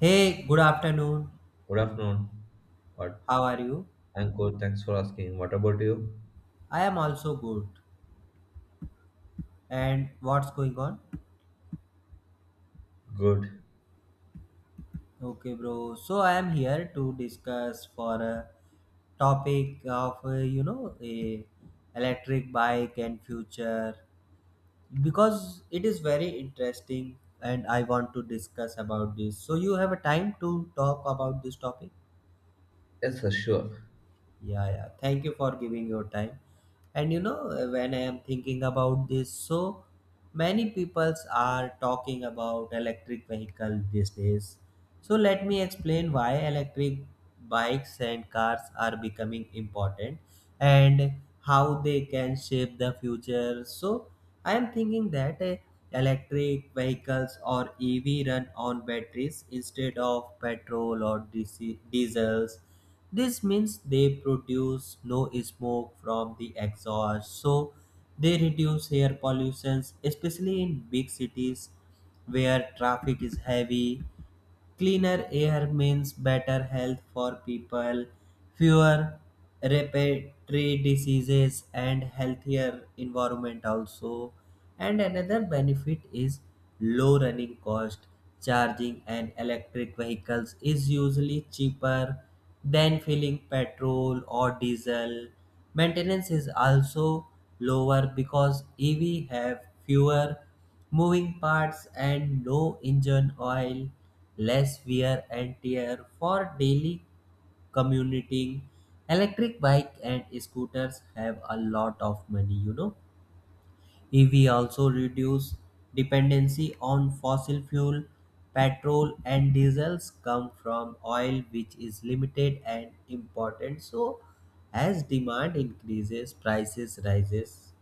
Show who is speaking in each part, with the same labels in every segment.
Speaker 1: Hey, good afternoon.
Speaker 2: Good afternoon. What?
Speaker 1: How are you?
Speaker 2: I'm good. Thanks for asking. What about you?
Speaker 1: I am also good. And what's going on?
Speaker 2: Good.
Speaker 1: Okay, bro. So I am here to discuss for a topic of you know a electric bike and future because it is very interesting and I want to discuss about this. So you have a time to talk about this topic?
Speaker 2: Yes, sir, sure.
Speaker 1: Yeah, yeah. Thank you for giving your time. And you know, when I am thinking about this, so many peoples are talking about electric vehicle these days. So let me explain why electric bikes and cars are becoming important and how they can shape the future. So I am thinking that electric vehicles or EV run on batteries instead of petrol or diesels. This means they produce no smoke from the exhaust, so they reduce air pollution, especially in big cities where traffic is heavy. Cleaner air means better health for people, fewer respiratory diseases, and healthier environment also. And another benefit is low running cost. Charging and electric vehicles is usually cheaper than filling petrol or diesel. Maintenance is also lower because EV have fewer moving parts and no engine oil, less wear and tear for daily commuting. Electric bike and scooters have a lot of money, you know. EV also reduce dependency on fossil fuel. Petrol and diesels come from oil, which is limited and important. So, as demand increases, prices rises.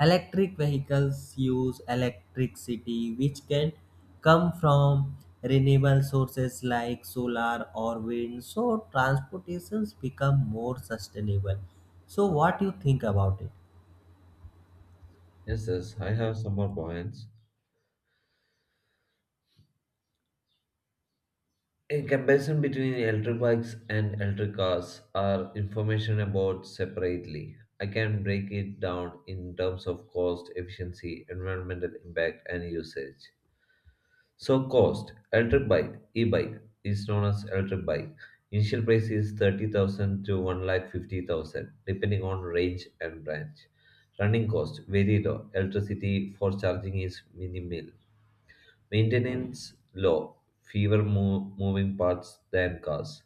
Speaker 1: Electric vehicles use electricity, which can come from renewable sources like solar or wind. So, transportations become more sustainable. So, what do you think about it?
Speaker 2: Yes, yes, I have some more points. A comparison between electric bikes and electric cars are information about separately. I can break it down in terms of cost, efficiency, environmental impact, and usage. So cost, electric bike, e-bike is known as electric bike. Initial price is 30,000 to 1,50,000 depending on range and branch. Running cost, very low. Electricity for charging is minimal. Maintenance, low. Moving parts than cars.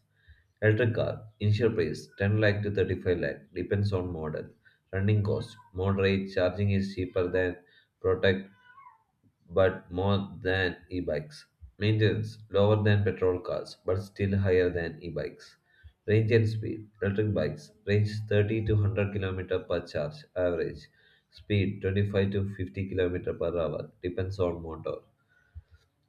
Speaker 2: Electric car, initial price 10 lakh to 35 lakh, depends on model. Running cost, moderate, charging is cheaper than prototype but more than e bikes. Maintenance lower than petrol cars, but still higher than e bikes. Range and speed, electric bikes range 30 to 100 kilometer per charge average. Speed 25 to 50 kilometer per hour depends on motor.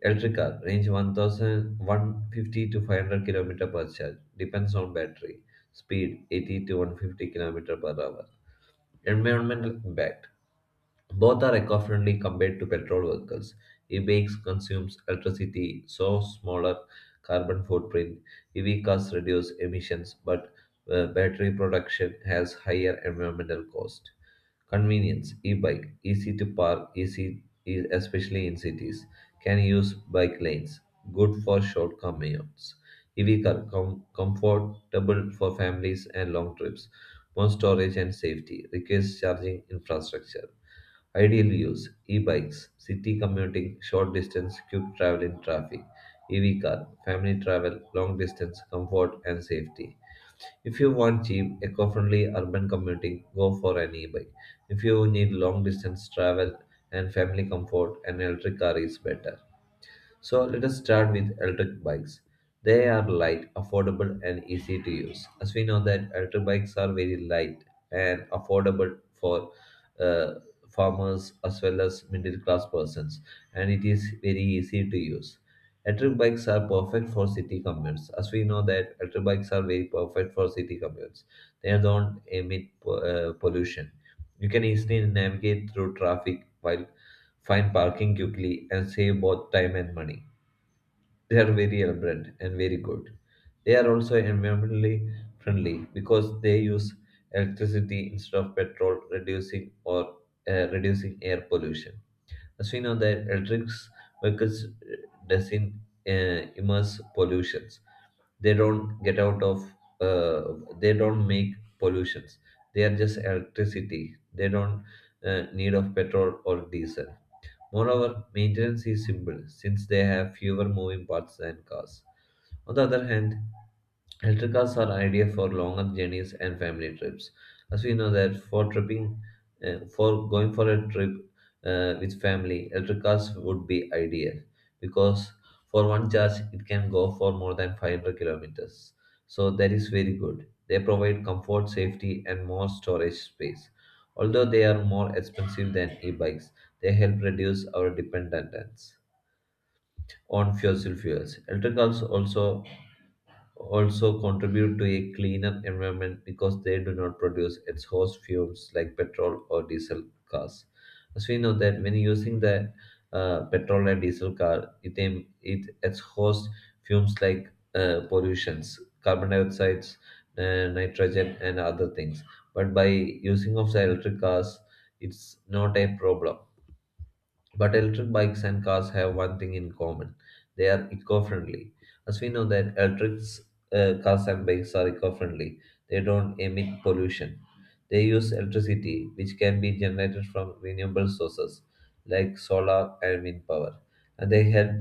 Speaker 2: Electric car range 1000 to 500 kilometer per charge depends on battery. Speed 80 to 150 kilometer per hour. Environmental impact, both are eco-friendly compared to petrol vehicles. E-bikes consumes electricity, so smaller carbon footprint. EV cars reduce emissions, but battery production has higher environmental cost. Convenience: e-bike, easy to park, especially in cities. Can use bike lanes. Good for short commutes. Comfortable for families and long trips. More storage and safety. Requires charging infrastructure. Ideal use, e-bikes, city commuting, short distance, quick travel in traffic, EV car, family travel, long distance, comfort and safety. If you want cheap, eco-friendly urban commuting, go for an e-bike. If you need long distance travel and family comfort, an electric car is better. So let us start with electric bikes. They are light, affordable, and easy to use. As we know that electric bikes are very light and affordable for uh, farmers as well as middle class persons, and it is very easy to use. Electric bikes are perfect for city commutes. As we know that electric bikes are very perfect for city commutes. They don't emit pollution. You can easily navigate through traffic while find parking quickly and save both time and money. They are very elaborate and very good. They are also environmentally friendly because they use electricity instead of petrol, reducing air pollution. As we know that electric vehicles doesn't immerse pollutions, they don't get out of uh, they don't make pollutions, they are just electricity, they don't need of petrol or diesel. Moreover, maintenance is simple since they have fewer moving parts than cars. On the other hand, electric cars are ideal for longer journeys and family trips. As we know that for tripping, for going for a trip with family, electric cars would be ideal because for one charge it can go for more than 500 kilometers. So that is very good. They provide comfort, safety, and more storage space. Although they are more expensive than e-bikes, they help reduce our dependence on fossil fuels. Electric cars also contribute to a cleaner environment because they do not produce exhaust fumes like petrol or diesel cars. As we know that when using the petrol and diesel car, it exhausts fumes like pollutions, carbon dioxide, nitrogen, and other things. But by using of the electric cars, it's not a problem. But electric bikes and cars have one thing in common: they are eco friendly. As we know that electric cars and bikes are eco friendly, they don't emit pollution. They use electricity, which can be generated from renewable sources like solar and wind power, and they help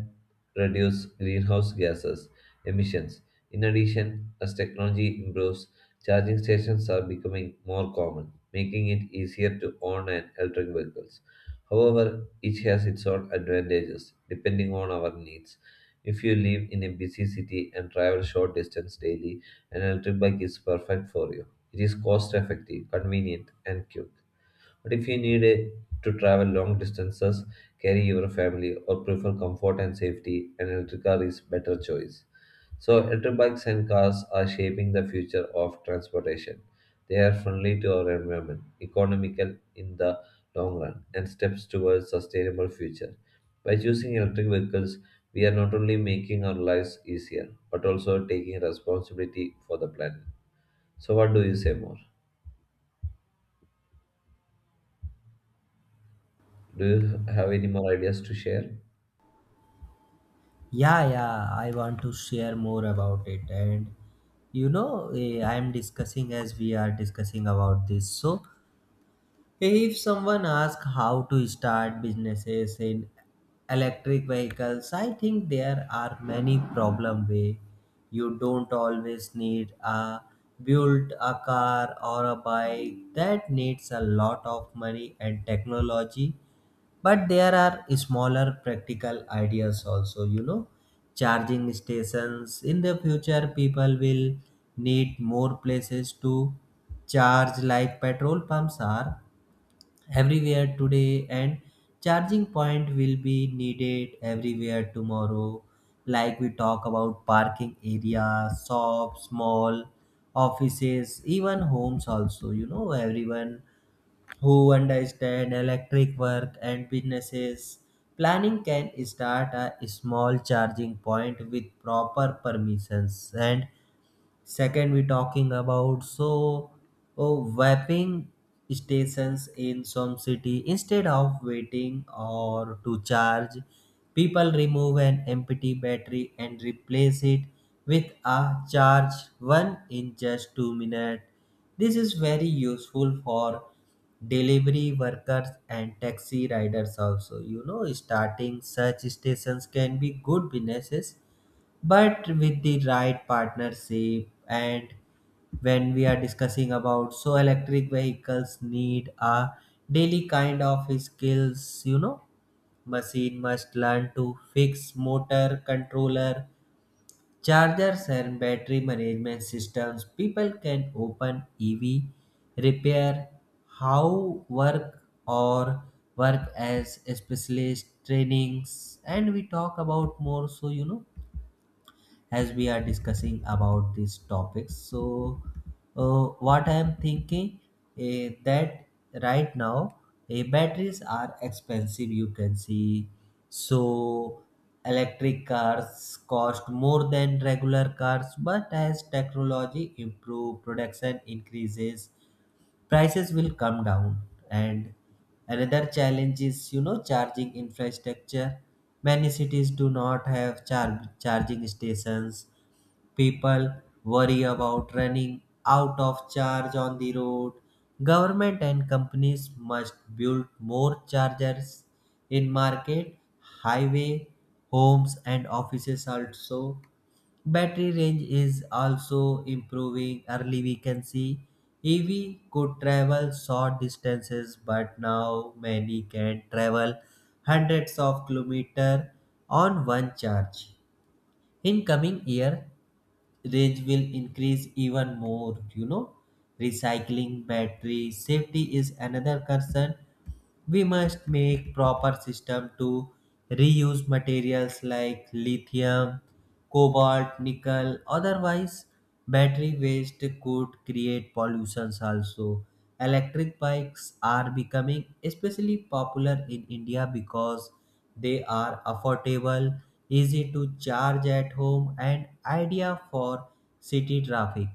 Speaker 2: reduce greenhouse gases emissions. In addition, as technology improves, charging stations are becoming more common, making it easier to own an electric vehicle. However, each has its own advantages depending on our needs. If you live in a busy city and travel short distance daily, an electric bike is perfect for you. It is cost effective, convenient, and quick. But if you need a, to travel long distances, carry your family, or prefer comfort and safety, an electric car is better choice. So, electric bikes and cars are shaping the future of transportation. They are friendly to our environment, economical in the long run, and steps towards sustainable future. By choosing electric vehicles, we are not only making our lives easier, but also taking responsibility for the planet. So, what do you say more? Do you have any more ideas to share?
Speaker 1: Yeah, yeah, I want to share more about it. And you know, I am discussing, as we are discussing about this. So, if someone asks how to start businesses in electric vehicles, I think there are many problem way. You don't always need a build a car or a bike that needs a lot of money and technology, but there are smaller practical ideas also, you know. Charging stations in the future, people will need more places to charge. Like petrol pumps are everywhere today, and charging point will be needed everywhere tomorrow, like we talk about parking areas, shops, mall, offices, even homes also, you know, everyone who understand electric work and businesses. Planning can start a small charging point with proper permissions and second, we talking about so oh, vaping stations in some city. Instead of waiting or to charge, people remove an empty battery and replace it with a charged one in just 2 minutes. This is very useful for delivery workers and taxi riders also. You know, starting such stations can be good businesses but with the right partnership. And when we are discussing about so electric vehicles need a daily kind of skills, you know, machine must learn to fix motor controller, chargers and battery management systems. People can open EV repair, how work or work as specialist trainings. And we talk about more, so you know, as we are discussing about these topics, so uh, what I am thinking, that right now, batteries are expensive, you can see. So electric cars cost more than regular cars, but as technology improve, production increases, prices will come down. And another challenge is, you know, charging infrastructure. Many cities do not have charging stations. People worry about running out of charge on the road. Government and companies must build more chargers in market, highway, homes and offices also. Battery range is also improving. Early we can see EV could travel short distances, but now many can travel hundreds of kilometers on one charge. In coming year, range will increase even more. You know, recycling battery safety is another concern. We must make proper system to reuse materials like lithium, cobalt, nickel. Otherwise, battery waste could create pollutions also. Electric bikes are becoming especially popular in India because they are affordable, easy to charge at home and ideal for city traffic.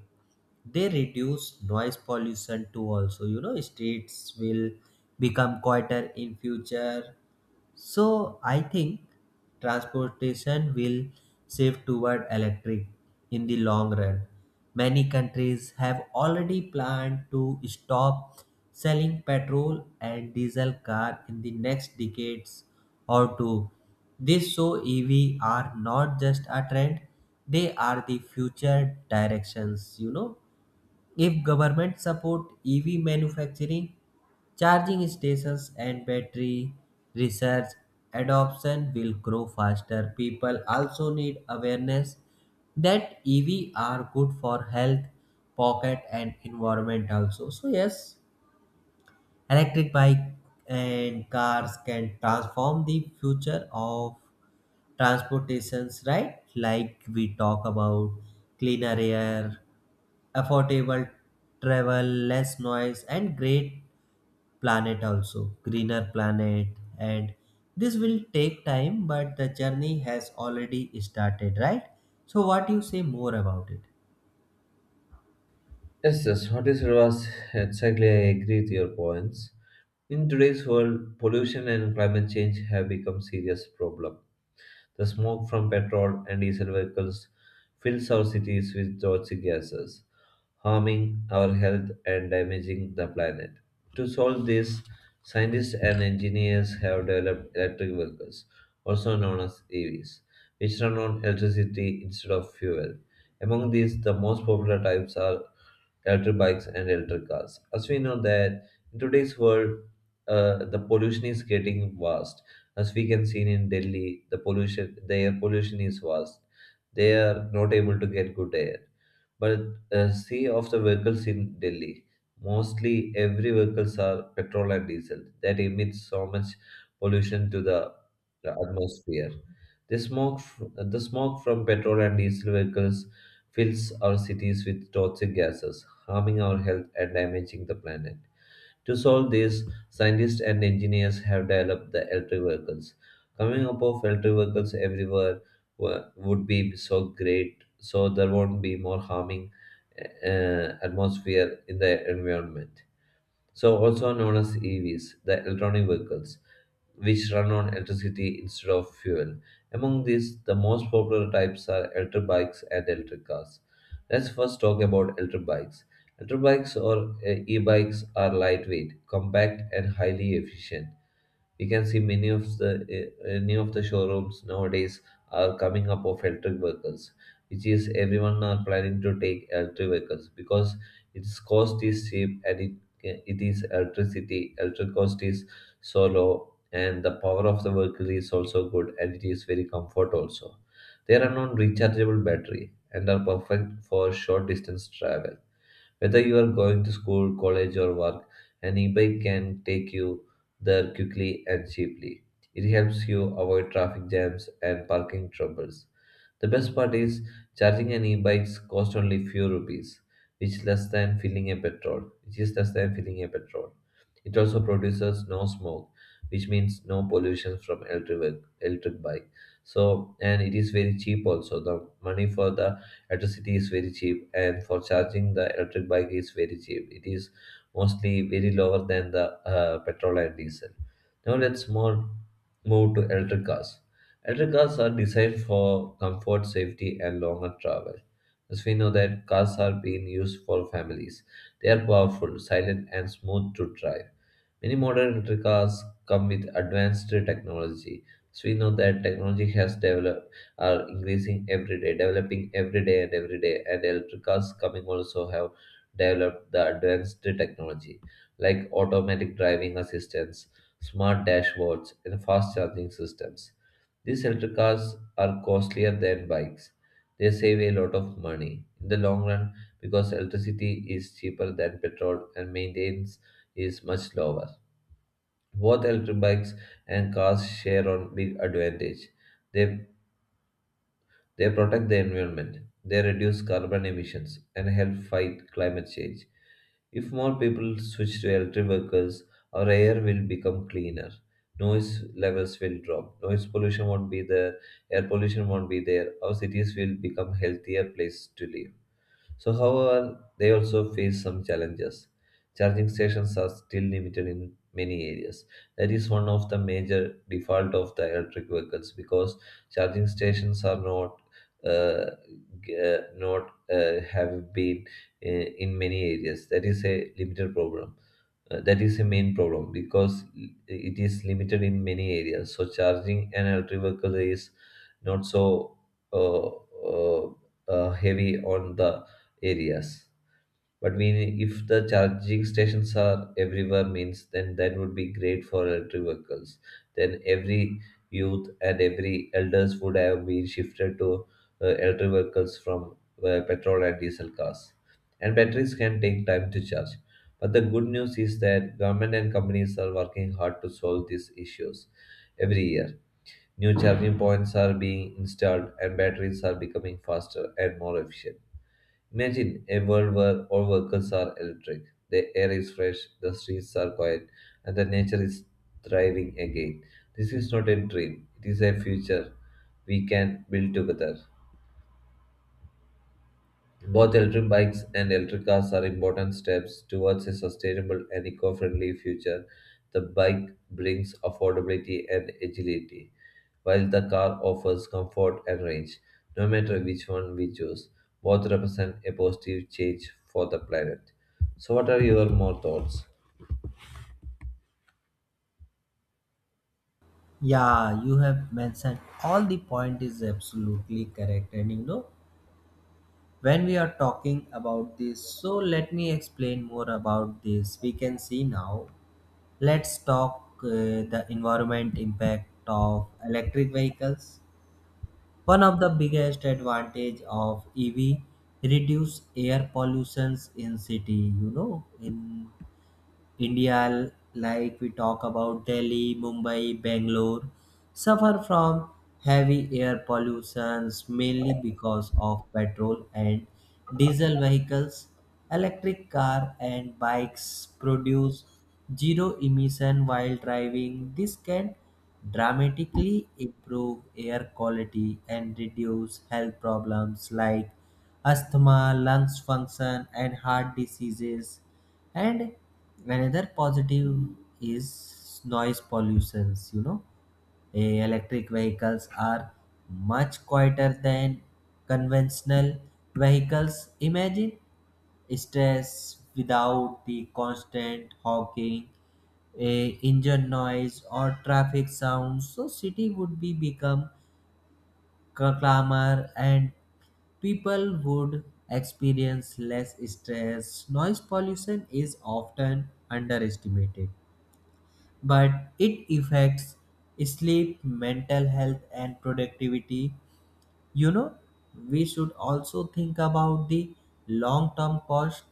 Speaker 1: They reduce noise pollution too also, you know, streets will become quieter in future. So I think transportation will shift toward electric in the long run. Many countries have already planned to stop selling petrol and diesel car in the next decades or two. This show EV are not just a trend, they are the future directions. You know, if government support EV manufacturing, charging stations and battery research, adoption will grow faster. People also need awareness that EV are good for health, pocket and environment also. So yes, electric bike and cars can transform the future of transportations, right? Like we talk about cleaner air, affordable travel, less noise, and great planet also, greener planet. And this will take time, but the journey has already started, right? So, what you say more about it?
Speaker 2: Yes, yes, what is was exactly, I agree with your points. In today's world, pollution and climate change have become serious problem. The smoke from petrol and diesel vehicles fills our cities with toxic gases, harming our health and damaging the planet. To solve this, scientists and engineers have developed electric vehicles, also known as EVs, which run on electricity instead of fuel. Among these, the most popular types are electric bikes, and electric cars. As we know that in today's world, the pollution is getting vast. As we can see in Delhi, the pollution, the air pollution is vast. They are not able to get good air. But see of the vehicles in Delhi, mostly every vehicles are petrol and diesel that emits so much pollution to the atmosphere. The smoke from petrol and diesel vehicles fills our cities with toxic gases, harming our health and damaging the planet. To solve this, scientists and engineers have developed the electric vehicles. Coming up of electric vehicles everywhere would be so great, so there won't be more harming atmosphere in the environment, so also known as EVs, the electronic vehicles, which run on electricity instead of fuel. Among these, the most popular types are electric bikes and electric cars. Let's first talk about electric bikes. Electric bikes or e-bikes are lightweight, compact, and highly efficient. We can see many of the showrooms nowadays are coming up of electric vehicles, which is everyone are planning to take electric vehicles because its cost is cheap and it is electricity. Electric cost is so low and the power of the vehicle is also good and it is very comfort also. They are non rechargeable battery and are perfect for short distance travel. Whether you are going to school, college, or work, an e-bike can take you there quickly and cheaply. It helps you avoid traffic jams and parking troubles. The best part is charging an e-bike costs only few rupees, which is less than filling a petrol. It also produces no smoke, which means no pollution from electric bike. So and it is very cheap also. The money for the electricity is very cheap, and for charging the electric bike is very cheap. It is mostly very lower than the petrol and diesel. Now let's more move to electric cars. Electric cars are designed for comfort, safety, and longer travel. As we know that cars are being used for families. They are powerful, silent, and smooth to drive. Many modern electric cars come with advanced technology. So we know that technology has developed, are increasing every day, developing every day. And electric cars coming also have developed the advanced technology like automatic driving assistance, smart dashboards, and fast charging systems. These electric cars are costlier than bikes. They save a lot of money in the long run because electricity is cheaper than petrol and maintenance is much lower. Both electric bikes and cars share on big advantage. They, they protect the environment, they reduce carbon emissions, and help fight climate change. If more people switch to electric vehicles, our air will become cleaner. Noise levels will drop. Noise pollution won't be there. Air pollution won't be there. Our cities will become healthier place to live. So, however, they also face some challenges. Charging stations are still limited in many areas. That is one of the major default of the electric vehicles because charging stations are uh, not have been in many areas. That is a limited problem. That is the main problem because it is limited in many areas. So charging an electric vehicle is not so uh, uh, heavy on the areas. But we, if the charging stations are everywhere, means then that would be great for electric vehicles. Then every youth and every elders would have been shifted to electric vehicles from petrol and diesel cars. And batteries can take time to charge. But the good news is that government and companies are working hard to solve these issues every year. New charging points are being installed and batteries are becoming faster and more efficient. Imagine a world where all vehicles are electric, the air is fresh, the streets are quiet, and the nature is thriving again. This is not a dream, it is a future we can build together. Both electric bikes and electric cars are important steps towards a sustainable and eco friendly future. The bike brings affordability and agility, while the car offers comfort and range. No matter which one we choose, both represent a positive change for the planet. So, what are your more thoughts?
Speaker 1: Yeah, you have mentioned all the point is absolutely correct, and you know when we are talking about this. So let me explain more about this. We can see now. Let's talk the environment impact of electric vehicles. One of the biggest advantage of EV reduce air pollutions in city, you know, in India, like we talk about Delhi, Mumbai, Bangalore, suffer from heavy air pollutions mainly because of petrol and diesel vehicles. Electric car and bikes produce zero emission while driving. This can dramatically improve air quality and reduce health problems like asthma, lungs function, and heart diseases. And another positive is noise pollutions. You know, electric vehicles are much quieter than conventional vehicles. Imagine stress without the constant honking, engine noise, or traffic sounds. So city would be become clamor and people would experience less stress. Noise pollution is often underestimated, but it affects sleep, mental health, and productivity. You know, we should also think about the long term cost.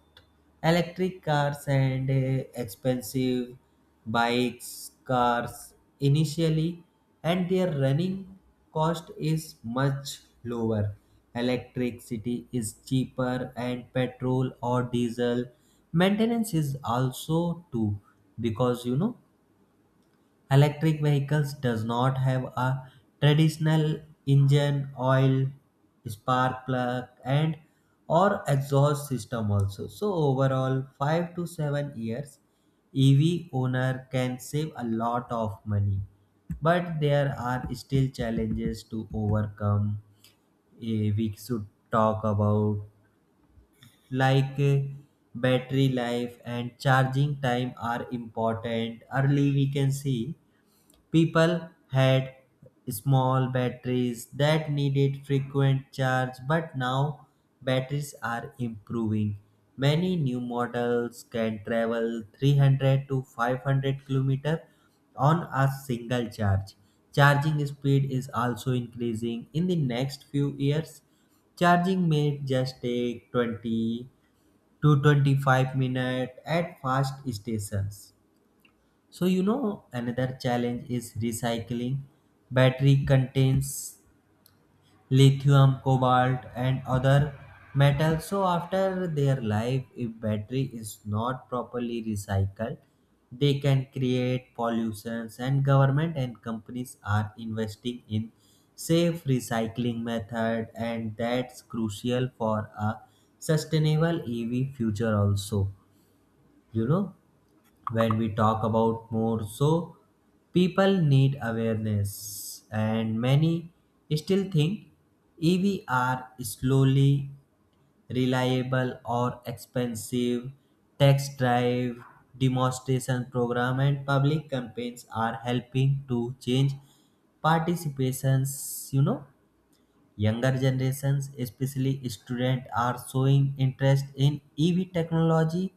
Speaker 1: Electric cars and expensive bikes, cars initially, and their running cost is much lower. Electricity is cheaper, and petrol or diesel maintenance is also too because, you know, electric vehicles does not have a traditional engine, oil, spark plug and or exhaust system also. So overall 5 to 7 years EV owner can save a lot of money. But there are still challenges to overcome. We should talk about like battery life and charging time are important. Early we can see people had small batteries that needed frequent charge, but now batteries are improving. Many new models can travel 300 to 500 km on a single charge. Charging speed is also increasing. In the next few years, charging may just take 20 to 25 minutes at fast stations. So, you know, another challenge is recycling. Battery contains lithium, cobalt, and other metals. So, after their life, if battery is not properly recycled, they can create pollutions. And government and companies are investing in safe recycling method, and that's crucial for a sustainable EV future also. You know, when we talk about more, so people need awareness, and many still think EV are slowly reliable or expensive. Tax drive, demonstration program and public campaigns are helping to change participations. You know, younger generations, especially students, are showing interest in EV technology,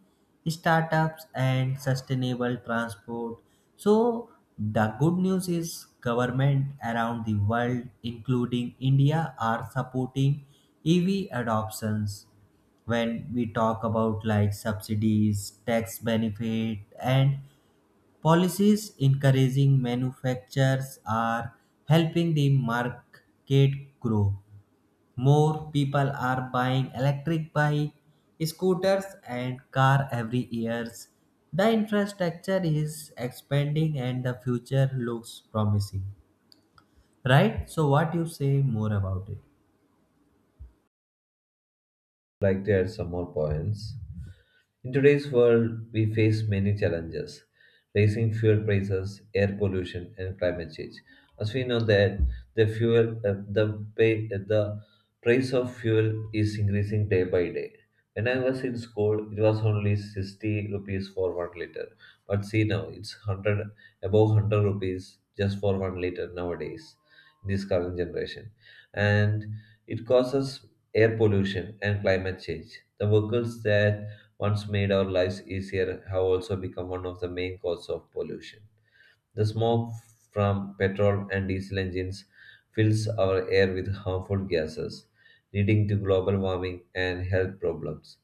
Speaker 1: startups, and sustainable transport. So the good news is government around the world, including India, are supporting EV adoptions. When we talk about like subsidies, tax benefit, and policies encouraging manufacturers are helping the market grow. More people are buying electric bike, scooters and car every years. The infrastructure is expanding and the future looks promising. Right? So what you say more about it?
Speaker 2: Like to add some more points? In today's world, we face many challenges rising fuel prices, air pollution, and climate change. As we know that the fuel, the price of fuel is increasing day by day. When I was in school, it was only 60 rupees for 1 liter. But see now, it's 100, above 100 rupees just for 1 liter nowadays, in this current generation. And it causes air pollution and climate change. The vehicles that once made our lives easier, have also become one of the main causes of pollution. The smoke from petrol and diesel engines fills our air with harmful gases, leading to global warming and health problems.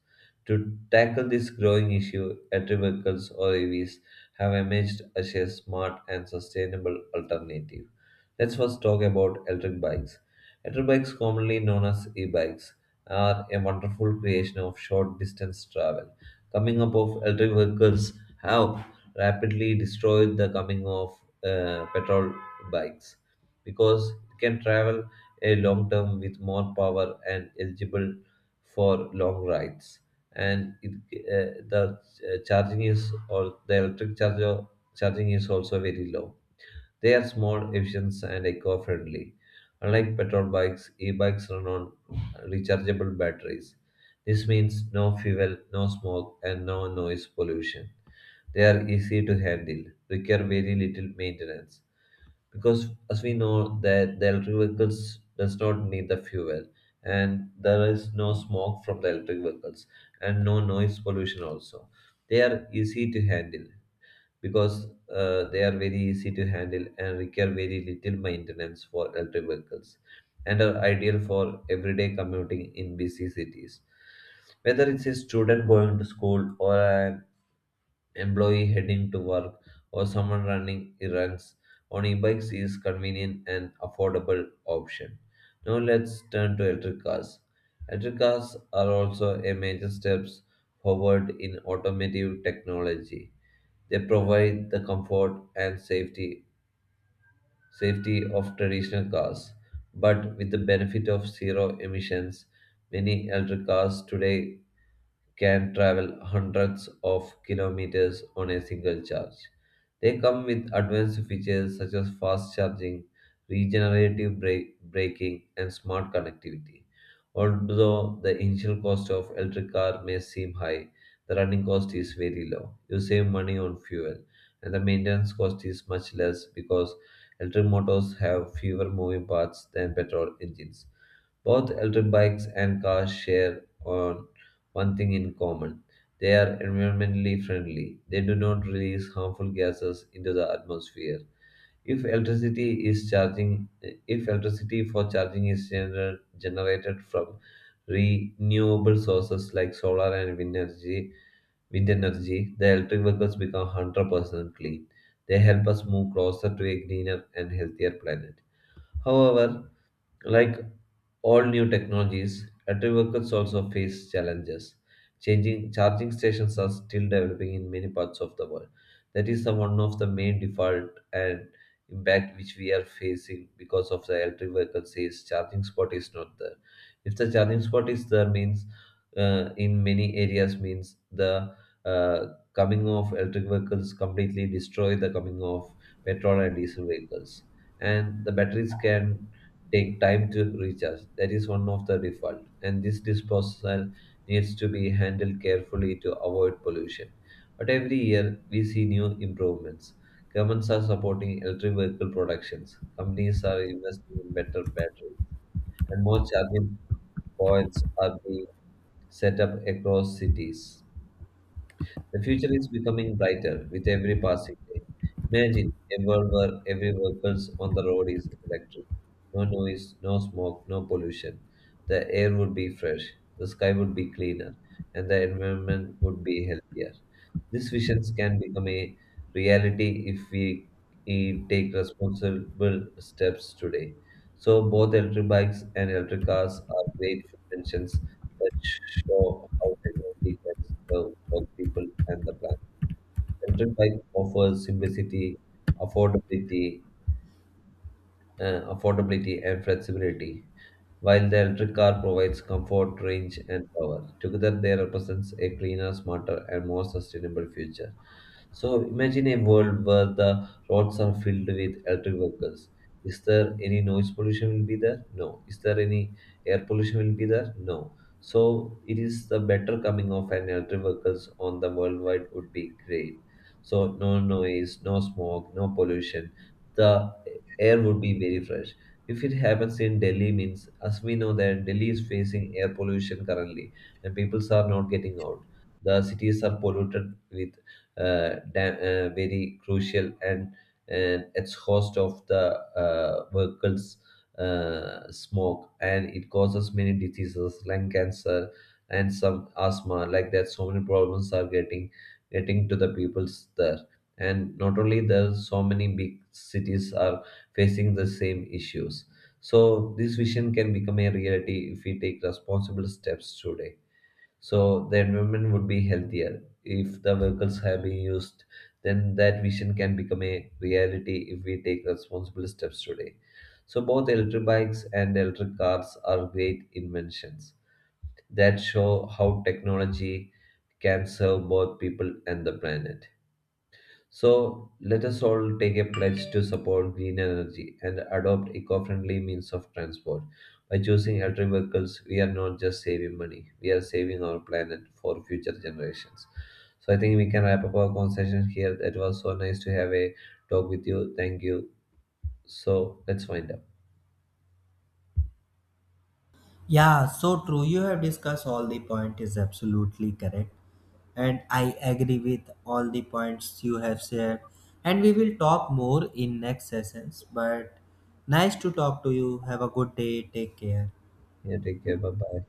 Speaker 2: To tackle this growing issue, electric vehicles or EVs have emerged as a smart and sustainable alternative. Let's first talk about electric bikes. Electric bikes, commonly known as e-bikes, are a wonderful creation of short distance travel. Coming up of electric vehicles have rapidly destroyed the coming of petrol bikes because it can travel a long term with more power and eligible for long rides. And it, the charging is or the electric charger charging is also very low. They are small, efficient, and eco friendly. Unlike petrol bikes, e bikes run on rechargeable batteries. This means no fuel, no smoke, and no noise pollution. They are easy to handle, require very little maintenance. Because as we know that the electric vehicles does not need the fuel and there is no smoke from the electric vehicles and no noise pollution also. They are easy to handle because they are very easy to handle and require very little maintenance for electric vehicles and are ideal for everyday commuting in busy cities. Whether it's a student going to school or an employee heading to work or someone running errands on e-bikes is convenient and affordable option. Now let's turn to electric cars. Electric cars are also a major steps forward in automotive technology. They provide the comfort and safety of traditional cars, but with the benefit of zero emissions, many electric cars today can travel hundreds of kilometers on a single charge. They come with advanced features such as fast charging, regenerative braking, and smart connectivity. Although the initial cost of electric car may seem high, the running cost is very low. You save money on fuel, and the maintenance cost is much less because electric motors have fewer moving parts than petrol engines. Both electric bikes and cars share on one thing in common. They are environmentally friendly. They do not release harmful gases into the atmosphere. If electricity is charging if electricity for charging is generated from renewable sources like solar and wind energy, the electric vehicles become 100% clean. They help us move closer to a greener and healthier planet. However, like all new technologies, factory workers also face challenges. Changing charging stations are still developing in many parts of the world. That is the one of the main default and impact which we are facing because of the electric vehicle says charging spot is not there. If the charging spot is there means in many areas means the uh, coming of electric vehicles completely destroy the coming of petrol and diesel vehicles and the batteries can take time to recharge. That is one of the default, and this disposal needs to be handled carefully to avoid pollution. But every year we see new improvements. Governments are supporting electric vehicle productions. Companies are investing in better batteries, and more charging points are being set up across cities. The future is becoming brighter with every passing day. Imagine a world where every vehicle on the road is electric. No noise, no smoke, no pollution. The air would be fresh, the sky would be cleaner, and the environment would be healthier. These visions can become a reality if we take responsible steps today. So both electric bikes and electric cars are great inventions that show how technology can serve both people and the planet. Electric bike offers simplicity, affordability, and flexibility, while the electric car provides comfort, range, and power. Together, they represent a cleaner, smarter, and more sustainable future. So, imagine a world where the roads are filled with electric vehicles. Is there any noise pollution will be there? No. Is there any air pollution will be there? No. So, it is the better coming of an electric vehicles on the worldwide would be great. So, no noise, no smoke, no pollution. The air would be very fresh. If it happens in Delhi, means as we know that Delhi is facing air pollution currently, and peoples are not getting out. The cities are polluted with very crucial and it's host of the vehicles smoke, and it causes many diseases like cancer and some asthma like that. So many problems are getting to the peoples there, and not only there, so many big cities are facing the same issues. So, this vision can become a reality if we take responsible steps today. So, the environment would be healthier if the vehicles have been used. Then, that vision can become a reality if we take responsible steps today. So, both electric bikes and electric cars are great inventions that show how technology can serve both people and the planet. So let us all take a pledge to support green energy and adopt eco-friendly means of transport. By choosing electric vehicles, we are not just saving money, we are saving our planet for future generations. So I think we can wrap up our conversation here. It was so nice to have a talk with you. Thank you. So let's wind up.
Speaker 1: Yeah, so true. You have discussed all the point is absolutely correct. And I agree with all the points you have shared. And we will talk more in next sessions. But nice to talk to you. Have a good day. Take care.
Speaker 2: Yeah, take care. Bye bye.